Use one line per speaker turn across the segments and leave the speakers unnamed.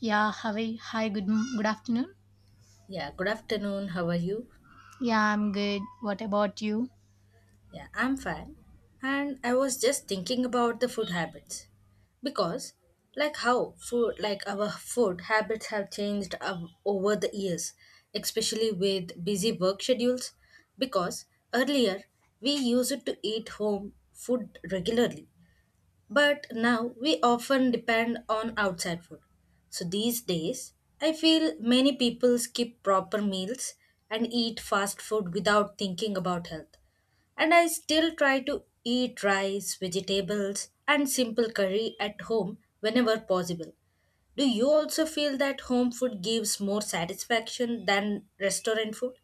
Yeah, Hawaii. Hi, good afternoon.
Yeah, good afternoon. How are you?
Yeah, I'm good. What about you?
Yeah, I'm fine. And I was just thinking about the food habits because like how food like our food habits have changed over the years, especially with busy work schedules because earlier we used to eat home food regularly. But now we often depend on outside food. So these days, I feel many people skip proper meals and eat fast food without thinking about health. And I still try to eat rice, vegetables, and simple curry at home whenever possible. Do you also feel that home food gives more satisfaction than restaurant food?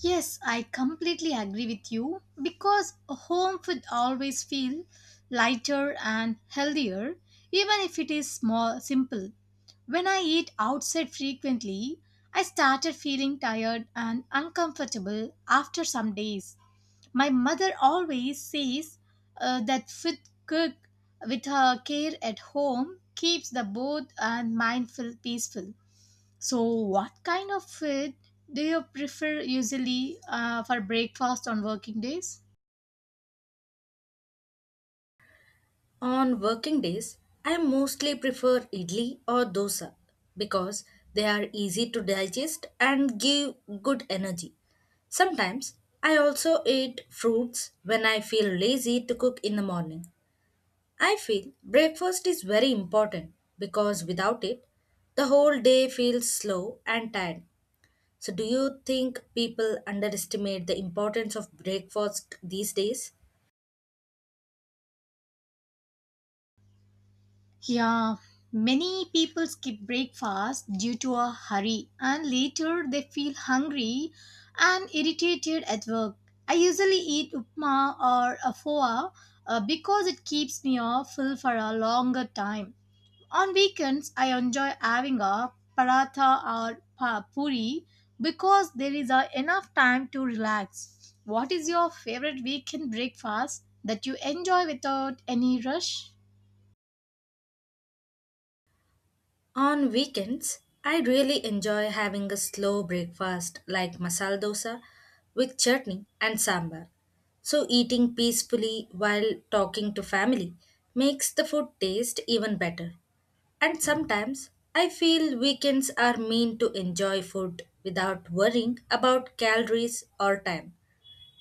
Yes, I completely agree with you because home food always feel lighter and healthier even if it is small simple. When I eat outside frequently, I started feeling tired and uncomfortable after some days. My mother always says that fit cook with her care at home keeps the both and mind feel peaceful. So, what kind of food do you prefer usually for breakfast on working days?
On working days, I mostly prefer idli or dosa because they are easy to digest and give good energy. Sometimes I also eat fruits when I feel lazy to cook in the morning. I feel breakfast is very important because without it, the whole day feels slow and tired. So, do you think people underestimate the importance of breakfast these days?
Yeah, many people skip breakfast due to a hurry and later they feel hungry and irritated at work. I usually eat upma or a foa because it keeps me off full for a longer time. On weekends, I enjoy having a paratha or puri because there is a enough time to relax. What is your favorite weekend breakfast that you enjoy without any rush?
On weekends, I really enjoy having a slow breakfast like masala dosa with chutney and sambar. So eating peacefully while talking to family makes the food taste even better. And sometimes I feel weekends are meant to enjoy food without worrying about calories or time.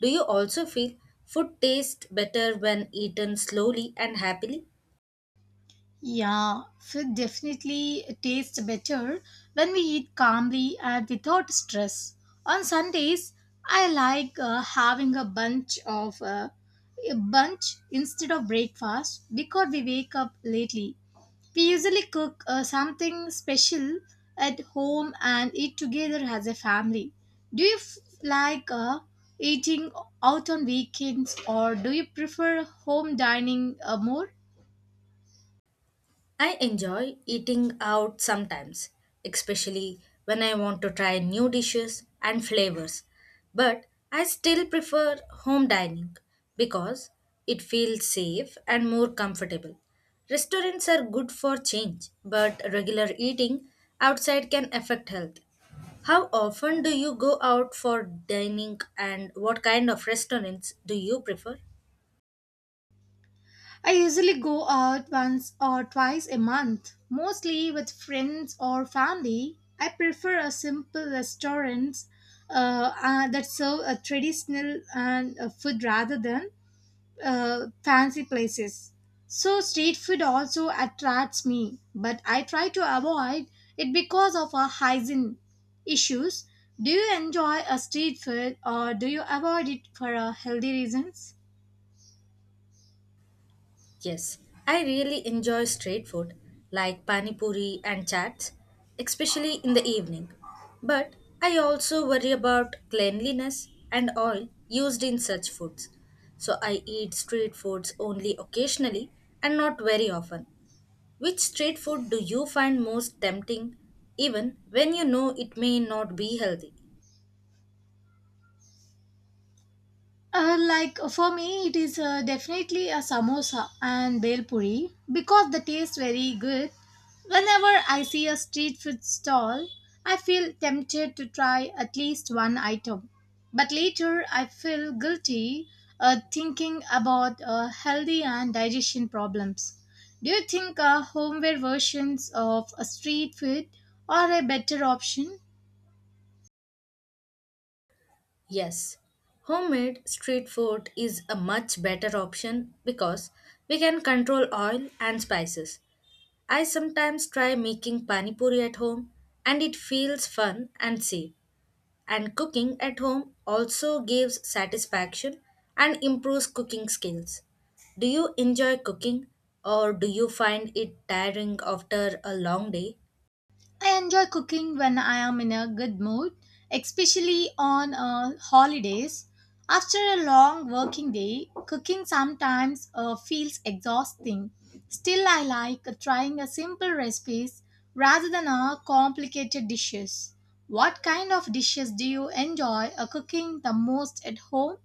Do you also feel food tastes better when eaten slowly and happily?
Yeah, food definitely tastes better when we eat calmly and without stress. On Sundays, I like having a bunch of a bunch instead of breakfast because we wake up lately. We usually cook something special at home and eat together as a family. Do you like eating out on weekends or do you prefer home dining more?
I enjoy eating out sometimes, especially when I want to try new dishes and flavors. But I still prefer home dining because it feels safe and more comfortable. Restaurants are good for change, but regular eating outside can affect health. How often do you go out for dining and what kind of restaurants do you prefer?
I usually go out once or twice a month, mostly with friends or family. I prefer a simple restaurant that serve a traditional and food rather than fancy places. So street food also attracts me, but I try to avoid it because of our hygiene issues. Do you enjoy a street food or do you avoid it for healthy reasons?
Yes, I really enjoy street food like pani puri and chats, especially in the evening. But I also worry about cleanliness and oil used in such foods. So I eat street foods only occasionally and not very often. Which street food do you find most tempting even when you know it may not be healthy?
Like for me, it is definitely a samosa and bel puri because the taste very good. Whenever I see a street food stall, I feel tempted to try at least one item. But later, I feel guilty thinking about healthy and digestion problems. Do you think homeware versions of a street food are a better option?
Yes, homemade street food is a much better option because we can control oil and spices. I sometimes try making pani puri at home and it feels fun and safe. And cooking at home also gives satisfaction and improves cooking skills. Do you enjoy cooking or do you find it tiring after a long day?
I enjoy cooking when I am in a good mood, especially on holidays. After a long working day, cooking sometimes feels exhausting. Still, I like trying a simple recipes rather than a complicated dishes. What kind of dishes do you enjoy cooking the most at home?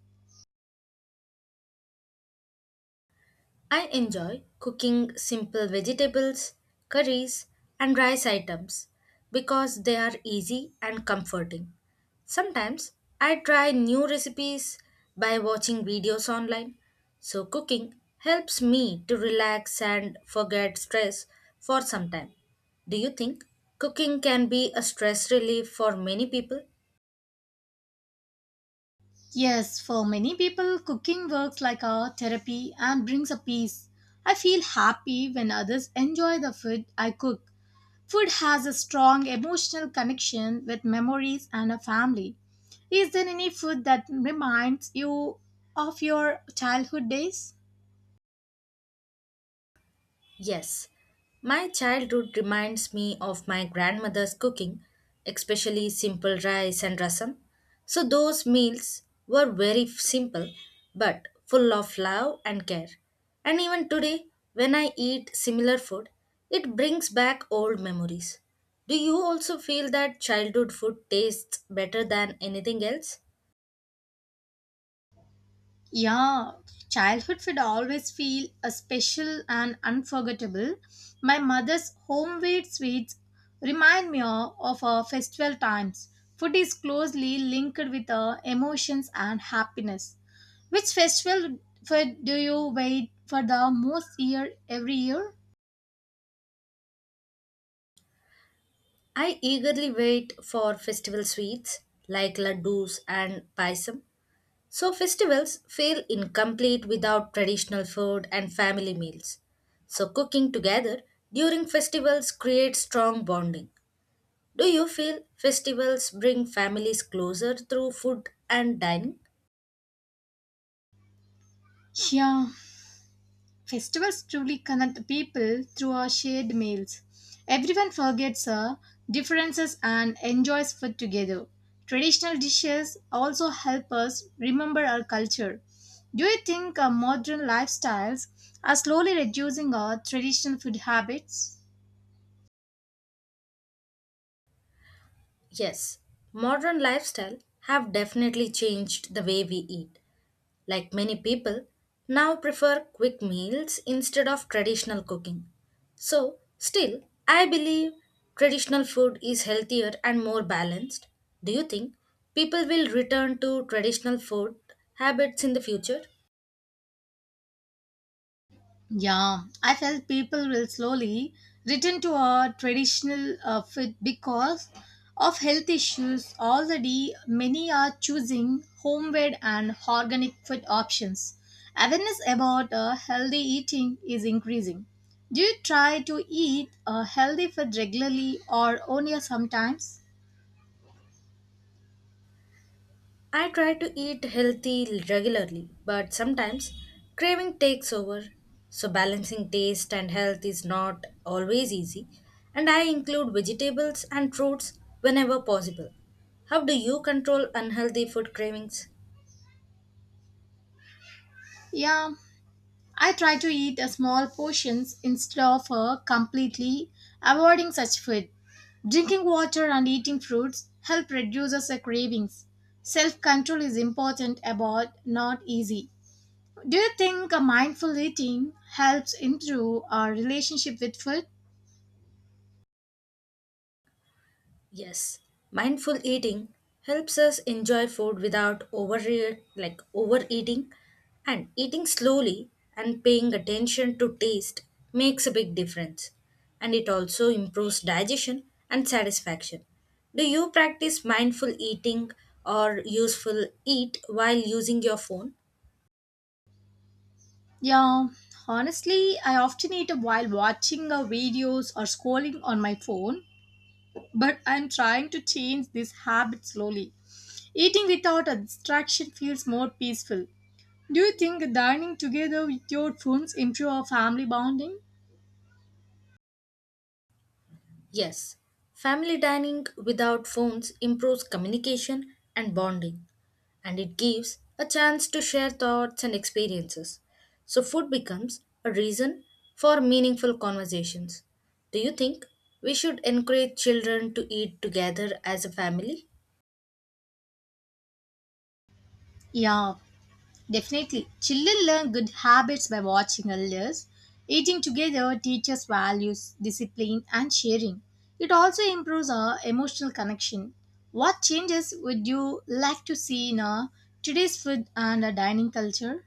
I enjoy cooking simple vegetables, curries, and rice items because they are easy and comforting. Sometimes I try new recipes by watching videos online, so cooking helps me to relax and forget stress for some time. Do you think cooking can be a stress relief for many people?
Yes, for many people, cooking works like a therapy and brings a peace. I feel happy when others enjoy the food I cook. Food has a strong emotional connection with memories and a family. Is there any food that reminds you of your childhood days?
Yes, my childhood reminds me of my grandmother's cooking, especially simple rice and rasam. So, those meals were very simple but full of love and care. And even today, when I eat similar food, it brings back old memories. Do you also feel that childhood food tastes better than anything else?
Yeah, childhood food always feel a special and unforgettable. My mother's homemade sweets remind me of our festival times. Food is closely linked with our emotions and happiness. Which festival food do you wait for the most year every year?
I eagerly wait for festival sweets like laddus and paisam. So, festivals feel incomplete without traditional food and family meals. So, cooking together during festivals creates strong bonding. Do you feel festivals bring families closer through food and dining?
Yeah, festivals truly connect people through our shared meals. Everyone forgets our differences and enjoys food together. Traditional dishes also help us remember our culture. Do you think our modern lifestyles are slowly reducing our traditional food habits?
Yes. Modern lifestyle have definitely changed the way we eat. Like many people, now prefer quick meals instead of traditional cooking. So, still, I believe traditional food is healthier and more balanced. Do you think people will return to traditional food habits in the future?
Yeah, I felt people will slowly return to a traditional fit because of health issues. Already, many are choosing homemade and organic food options. Awareness about healthy eating is increasing. Do you try to eat a healthy food regularly or only sometimes?
I try to eat healthy regularly, but sometimes craving takes over. So balancing taste and health is not always easy, and I include vegetables and fruits whenever possible. How do you control unhealthy food cravings?
Yeah, I try to eat a small portions instead of completely avoiding such food. Drinking water and eating fruits help reduce our cravings. Self control is important, about not easy. Do you think a mindful eating helps improve our relationship with food?
Yes, mindful eating helps us enjoy food without overeating and eating slowly and paying attention to taste makes a big difference and it also improves digestion and satisfaction. Do you practice mindful eating or useful eat while using your phone?
Yeah, honestly, I often eat while watching videos or scrolling on my phone, but I'm trying to change this habit slowly. Eating without a distraction feels more peaceful. Do you think dining together with your friends improve our family bonding?
Yes, family dining without phones improves communication and bonding, and it gives a chance to share thoughts and experiences. So, food becomes a reason for meaningful conversations. Do you think we should encourage children to eat together as a family?
Yeah, definitely. Children learn good habits by watching others. Eating together teaches values, discipline, and sharing. It also improves our emotional connection. What changes would you like to see in our today's food and our dining culture?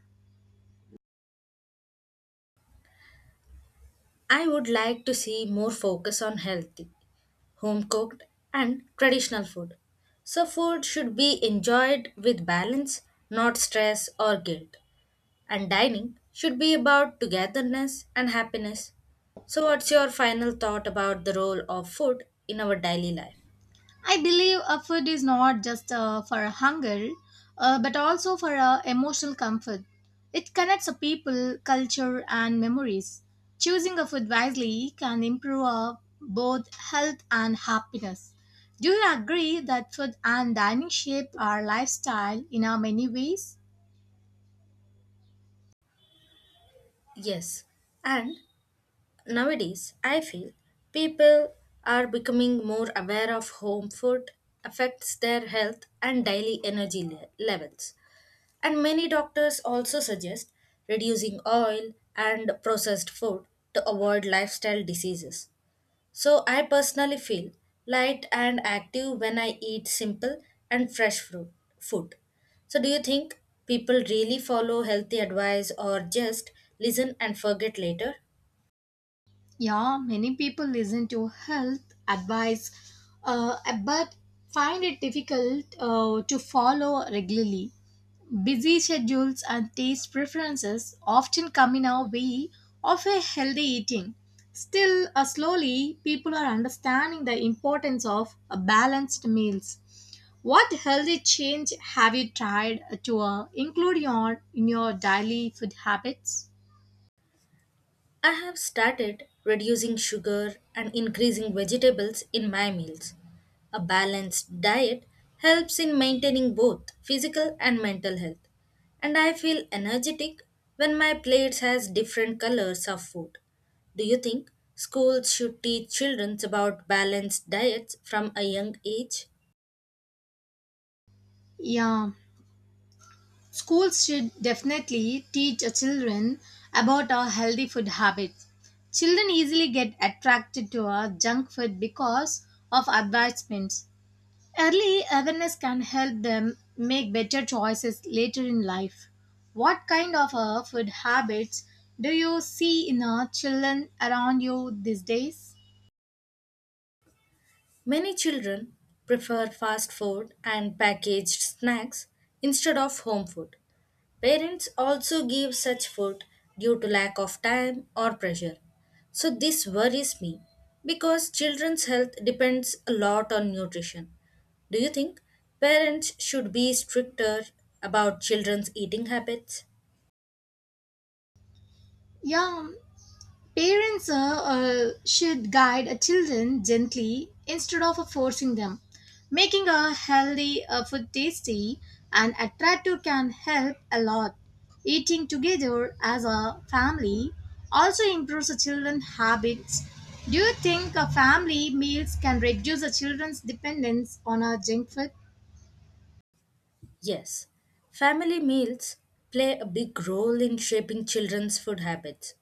I would like to see more focus on healthy, home cooked, and traditional food. So, food should be enjoyed with balance, not stress or guilt, and dining should be about togetherness and happiness. So, what's your final thought about the role of food in our daily life?
I believe a food is not just for a hunger, but also for a emotional comfort. It connects a people, culture, and memories. Choosing a food wisely can improve both health and happiness. Do you agree that food and dining shape our lifestyle in many ways?
Yes, and nowadays I feel people are becoming more aware of home food affects their health and daily energy levels. And many doctors also suggest reducing oil and processed food to avoid lifestyle diseases. So I personally feel light and active when I eat simple and fresh fruit food. So do you think people really follow healthy advice or just listen and forget later?
Yeah, many people listen to health advice, uh, but find it difficult to follow regularly. Busy schedules and taste preferences often come in our way of a healthy eating. Still, slowly, people are understanding the importance of balanced meals. What healthy change have you tried to in your daily food habits?
I have started reducing sugar and increasing vegetables in my meals. A balanced diet helps in maintaining both physical and mental health, and I feel energetic when my plates has different colors of food. Do you think schools should teach children about balanced diets from a young age?
Yeah, schools should definitely teach our children about our healthy food habits. Children easily get attracted to our junk food because of advertisements. Early awareness can help them make better choices later in life. What kind of food habits do you see in our children around you these days?
Many children prefer fast food and packaged snacks instead of home food. Parents also give such food due to lack of time or pressure. So this worries me because children's health depends a lot on nutrition. Do you think parents should be stricter about children's eating habits?
Yeah, parents should guide children gently instead of forcing them. Making a healthy food tasty and attractive can help a lot. Eating together as a family also improves the children's habits. Do you think family meals can reduce the children's dependence on junk food?
Yes, family meals play a big role in shaping children's food habits.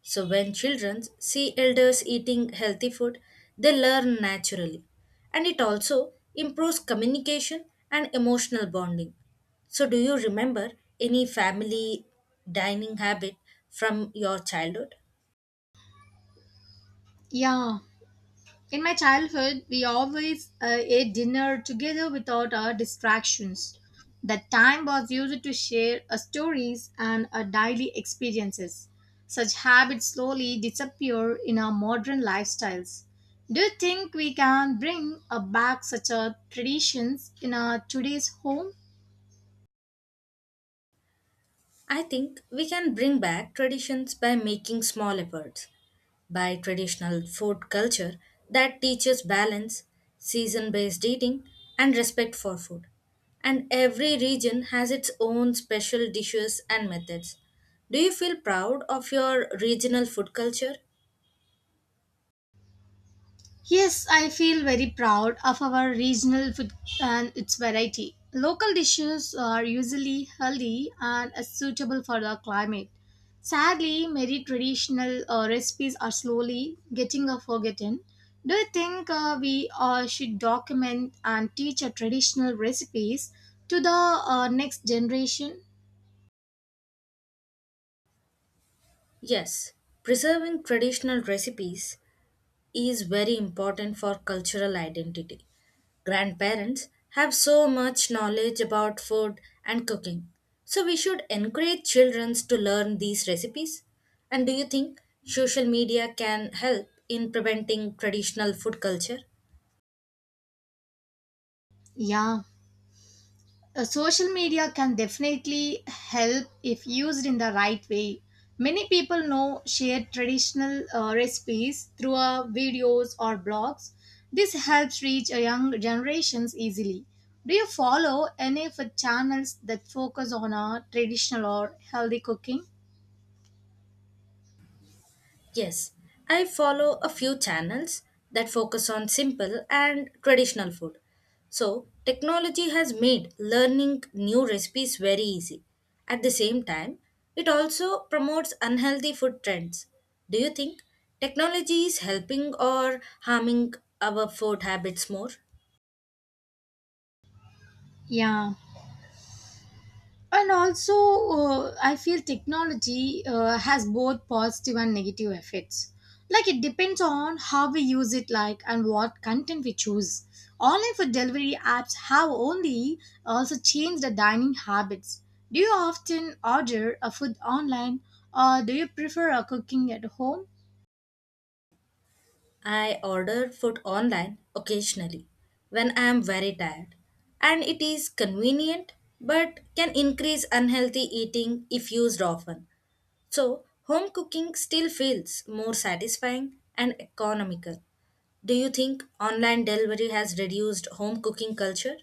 So when children see elders eating healthy food, they learn naturally. And it also improves communication and emotional bonding. So do you remember any family dining habit from your childhood?
Yeah. In my childhood, we always ate dinner together without our distractions. That time was used to share our stories and our daily experiences. Such habits slowly disappear in our modern lifestyles. Do you think we can bring back such a traditions in our today's home?
I think we can bring back traditions by making small efforts. By traditional food culture that teaches balance, season based eating, and respect for food. And every region has its own special dishes and methods. Do you feel proud of your regional food culture?
Yes, I feel very proud of our regional food and its variety. Local dishes are usually healthy and are suitable for the climate. Sadly, many traditional recipes are slowly getting forgotten. Do you think we should document and teach our traditional recipes to the next generation?
Yes, preserving traditional recipes is very important for cultural identity. Grandparents have so much knowledge about food and cooking, so we should encourage children to learn these recipes. And do you think social media can help in preventing traditional food culture?
Yeah. Social media can definitely help if used in the right way. Many people now share traditional recipes through videos or blogs. This helps reach a young generations easily. Do you follow any of the channels that focus on traditional or healthy cooking?
Yes, I follow a few channels that focus on simple and traditional food. So, technology has made learning new recipes very easy. At the same time, it also promotes unhealthy food trends. Do you think technology is helping or harming our food habits more?
Yeah. And also I feel technology has both positive and negative effects, like it depends on how we use it, like, and what content we choose. Online food delivery apps have only also changed the dining habits. Do you often order a food online or do you prefer a cooking at home?
I order food online occasionally when I am very tired, and it is convenient but can increase unhealthy eating if used often. So, home cooking still feels more satisfying and economical. Do you think online delivery has reduced home cooking culture?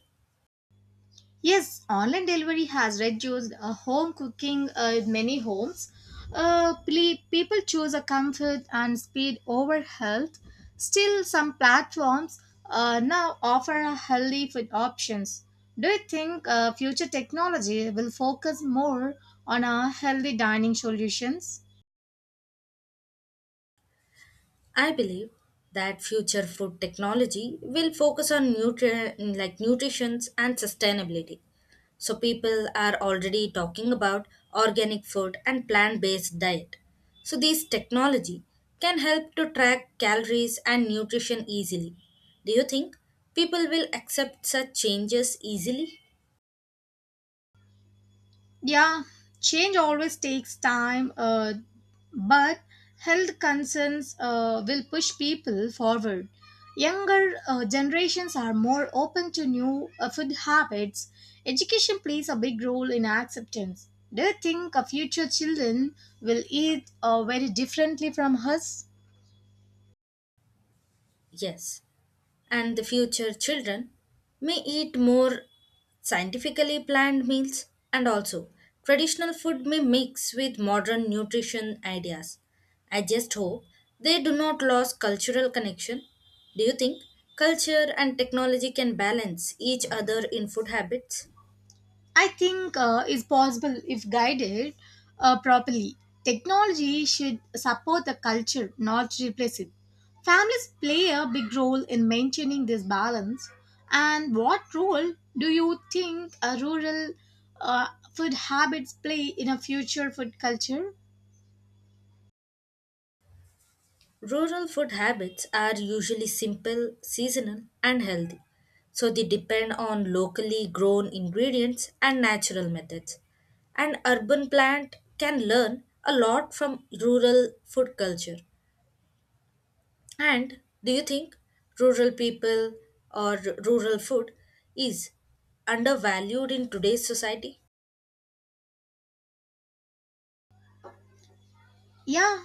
Yes, online delivery has reduced home cooking in many homes. People choose a comfort and speed over health. Still, some platforms now offer a healthy food options. Do you think future technology will focus more on our healthy dining solutions?
I believe that future food technology will focus on nutrition and sustainability. So people are already talking about organic food and plant-based diet. So this technology can help to track calories and nutrition easily. Do you think people will accept such changes easily?
Yeah, change always takes time, but health concerns will push people forward. Younger generations are more open to new food habits. Education plays a big role in acceptance. Do you think future children will eat very differently from us?
Yes. And the future children may eat more scientifically planned meals and also traditional food may mix with modern nutrition ideas. I just hope they do not lose cultural connection. Do you think culture and technology can balance each other in food habits?
I think is possible if guided properly. Technology should support the culture, not replace it. Families play a big role in maintaining this balance. And what role do you think a rural uh, food habits play in a future food culture?
Rural food habits are usually simple, seasonal, and healthy, so they depend on locally grown ingredients and natural methods. An urban plant can learn a lot from rural food culture. And do you think rural people or rural food is undervalued in today's society?
Yeah,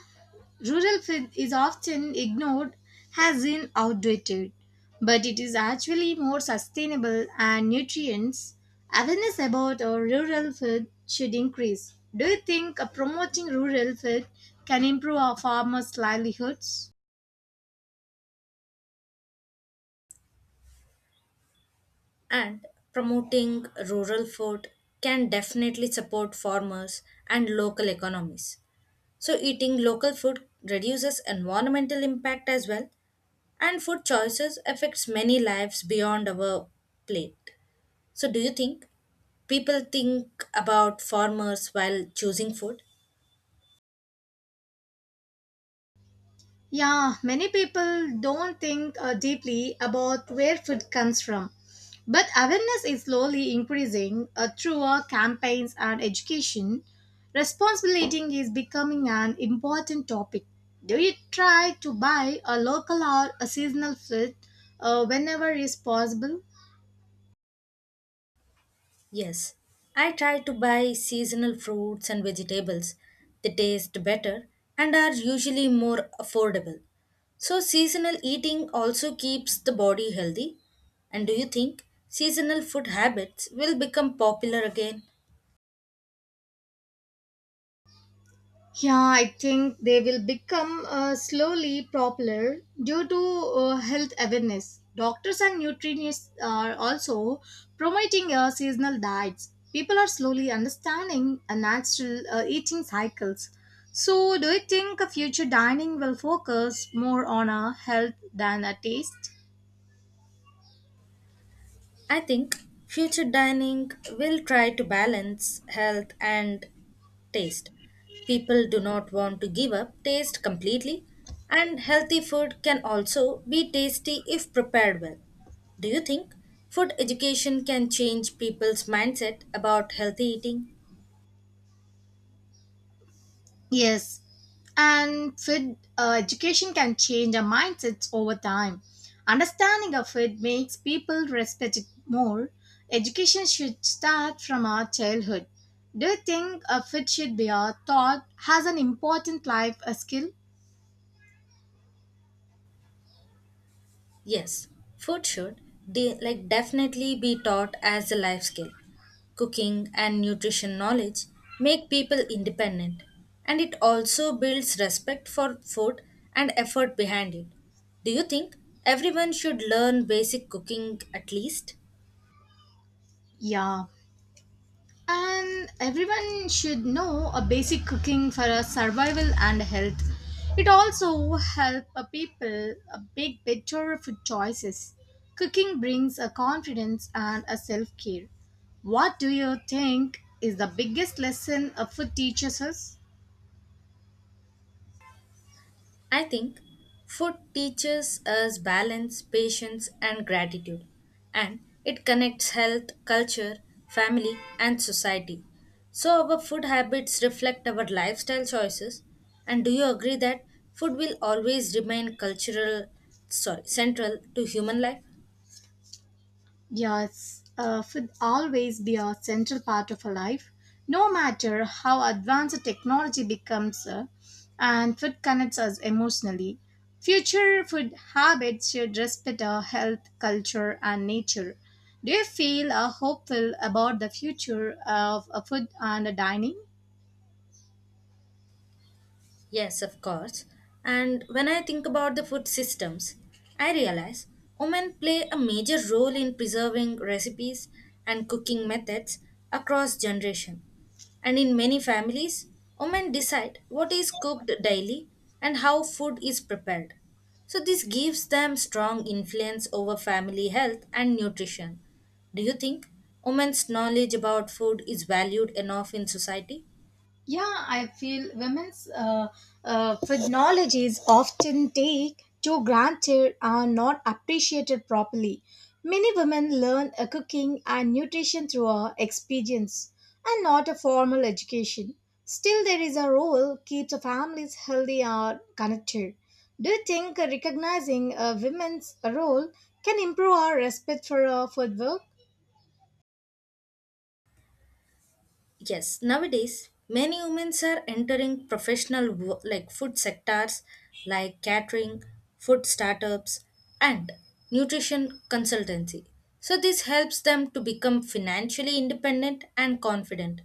rural food is often ignored as in outdated, but it is actually more sustainable and nutrients. Awareness about our rural food should increase. Do you think promoting rural food can improve our farmers' livelihoods?
And promoting rural food can definitely support farmers and local economies. So, eating local food reduces environmental impact as well, and food choices affects many lives beyond our plate. So, do you think people think about farmers while choosing food?
Yeah, many people don't think deeply about where food comes from. But awareness is slowly increasing through our campaigns and education. Responsible eating is becoming an important topic. Do you try to buy a local or a seasonal food whenever is possible?
Yes. I try to buy seasonal fruits and vegetables. They taste better and are usually more affordable. So, seasonal eating also keeps the body healthy. And do you think seasonal food habits will become popular again?
Yeah, I think they will become slowly popular due to health awareness. Doctors and nutritionists are also promoting seasonal diets. People are slowly understanding natural eating cycles. So, do you think a future dining will focus more on a health than a taste?
I think future dining will try to balance health and taste. People do not want to give up taste completely, and healthy food can also be tasty if prepared well. Do you think food education can change people's mindset about healthy eating?
Yes, and food education can change our mindsets over time. Understanding of it makes people respect it more. Education should start from our childhood. Do you think a food should be our thought has an important life a skill?
Yes, food should definitely be taught as a life skill. Cooking and nutrition knowledge make people independent, and it also builds respect for food and effort behind it. Do you think everyone should learn basic cooking at least?
Yeah. And everyone should know a basic cooking for a survival and health. It also helps people a big better food choices. Cooking brings a confidence and a self care. What do you think is the biggest lesson a food teaches us?
I think food teaches us balance, patience, and gratitude, and it connects health, culture, family, and society. So, our food habits reflect our lifestyle choices. And do you agree that food will always remain cultural, sorry, central to human life?
Yes, food always be a central part of our life, no matter how advanced technology becomes, and food connects us emotionally. Future food habits should respect our health, culture, and nature. Do you feel hopeful about the future of food and dining?
Yes, of course. And when I think about the food systems, I realize women play a major role in preserving recipes and cooking methods across generation. And in many families, women decide what is cooked daily and how food is prepared. So this gives them strong influence over family health and nutrition. Do you think women's knowledge about food is valued enough in society?
Yeah, I feel women's phrenology is often take to granted and not appreciated properly. Many women learn a cooking and nutrition through a experience and not a formal education. Still, there is a role keeps a families healthy or connected. Do you think recognizing a women's role can improve our respect for food work?
Yes, nowadays many women are entering professional food sectors like catering, food startups and nutrition consultancy. So this helps them to become financially independent and confident.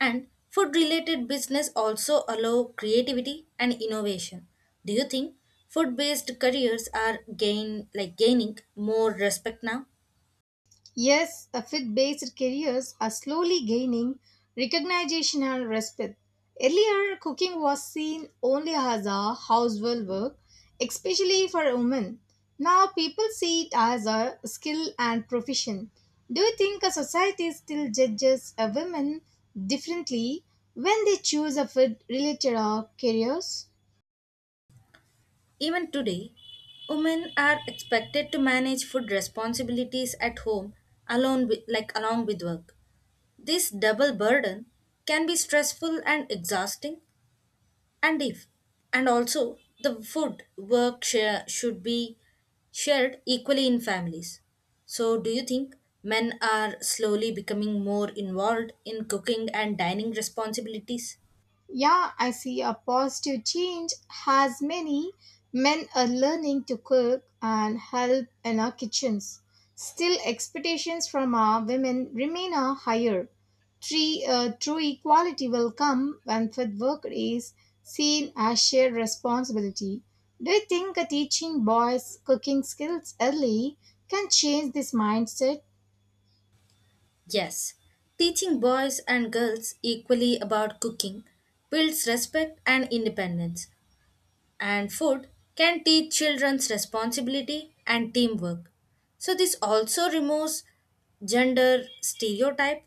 And food related business also allow creativity and innovation. Do you think food based careers are gaining more respect now?
Yes, fit based careers are slowly gaining recognition and respect. Earlier, cooking was seen only as a household work, especially for women. Now, people see it as a skill and profession. Do you think a society still judges a women differently when they choose a food related careers?
Even today, women are expected to manage food responsibilities at home along with work. This double burden can be stressful and exhausting and if and also the food work share should be shared equally in families. So do you think men are slowly becoming more involved in cooking and dining responsibilities?
Yeah, I see a positive change as many men are learning to cook and help in our kitchens. Still, expectations from our women remain a higher. True equality will come when fit work is seen as shared responsibility. Do you think teaching boys cooking skills early can change this mindset?
Yes, teaching boys and girls equally about cooking builds respect and independence, and food can teach children's responsibility and teamwork. So, this also removes gender stereotype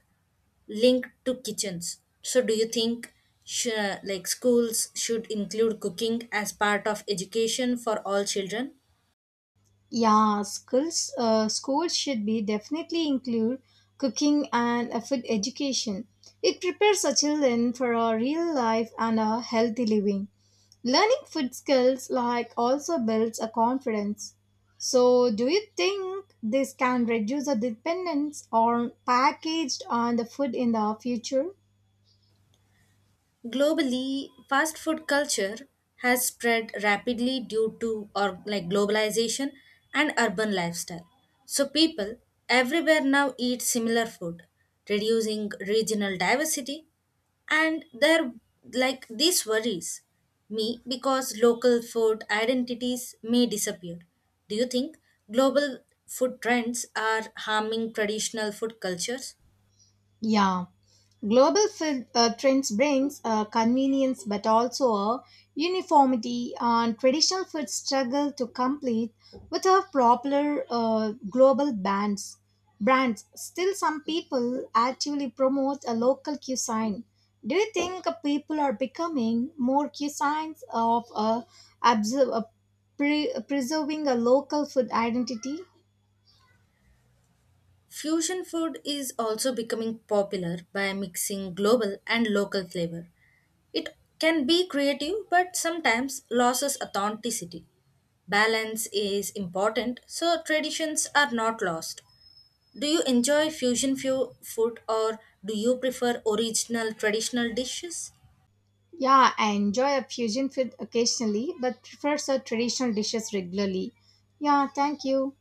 linked to kitchens. So, do you think schools should include cooking as part of education for all children?
Yeah, schools should be definitely include cooking and food education. It prepares our children for a real life and a healthy living. Learning food skills like also builds a confidence. So, do you think this can reduce the dependence on packaged on the food in the future?
Globally, fast food culture has spread rapidly due to or like globalization and urban lifestyle. So people everywhere now eat similar food, reducing regional diversity and there like this worries me because local food identities may disappear. Do you think global food trends are harming traditional food cultures?
Yeah, global trends brings convenience but also a uniformity and traditional food struggle to complete with our popular global bands. Brands still some people actively promote a local cuisine. Do you think people are becoming more cuisines of observe, uh, preserving a local food identity?
Fusion food is also becoming popular by mixing global and local flavor. It can be creative but sometimes loses authenticity. Balance is important so traditions are not lost. Do you enjoy food or do you prefer original traditional dishes?
Yeah, I enjoy a fusion food occasionally, but prefers our traditional dishes regularly. Yeah, thank you.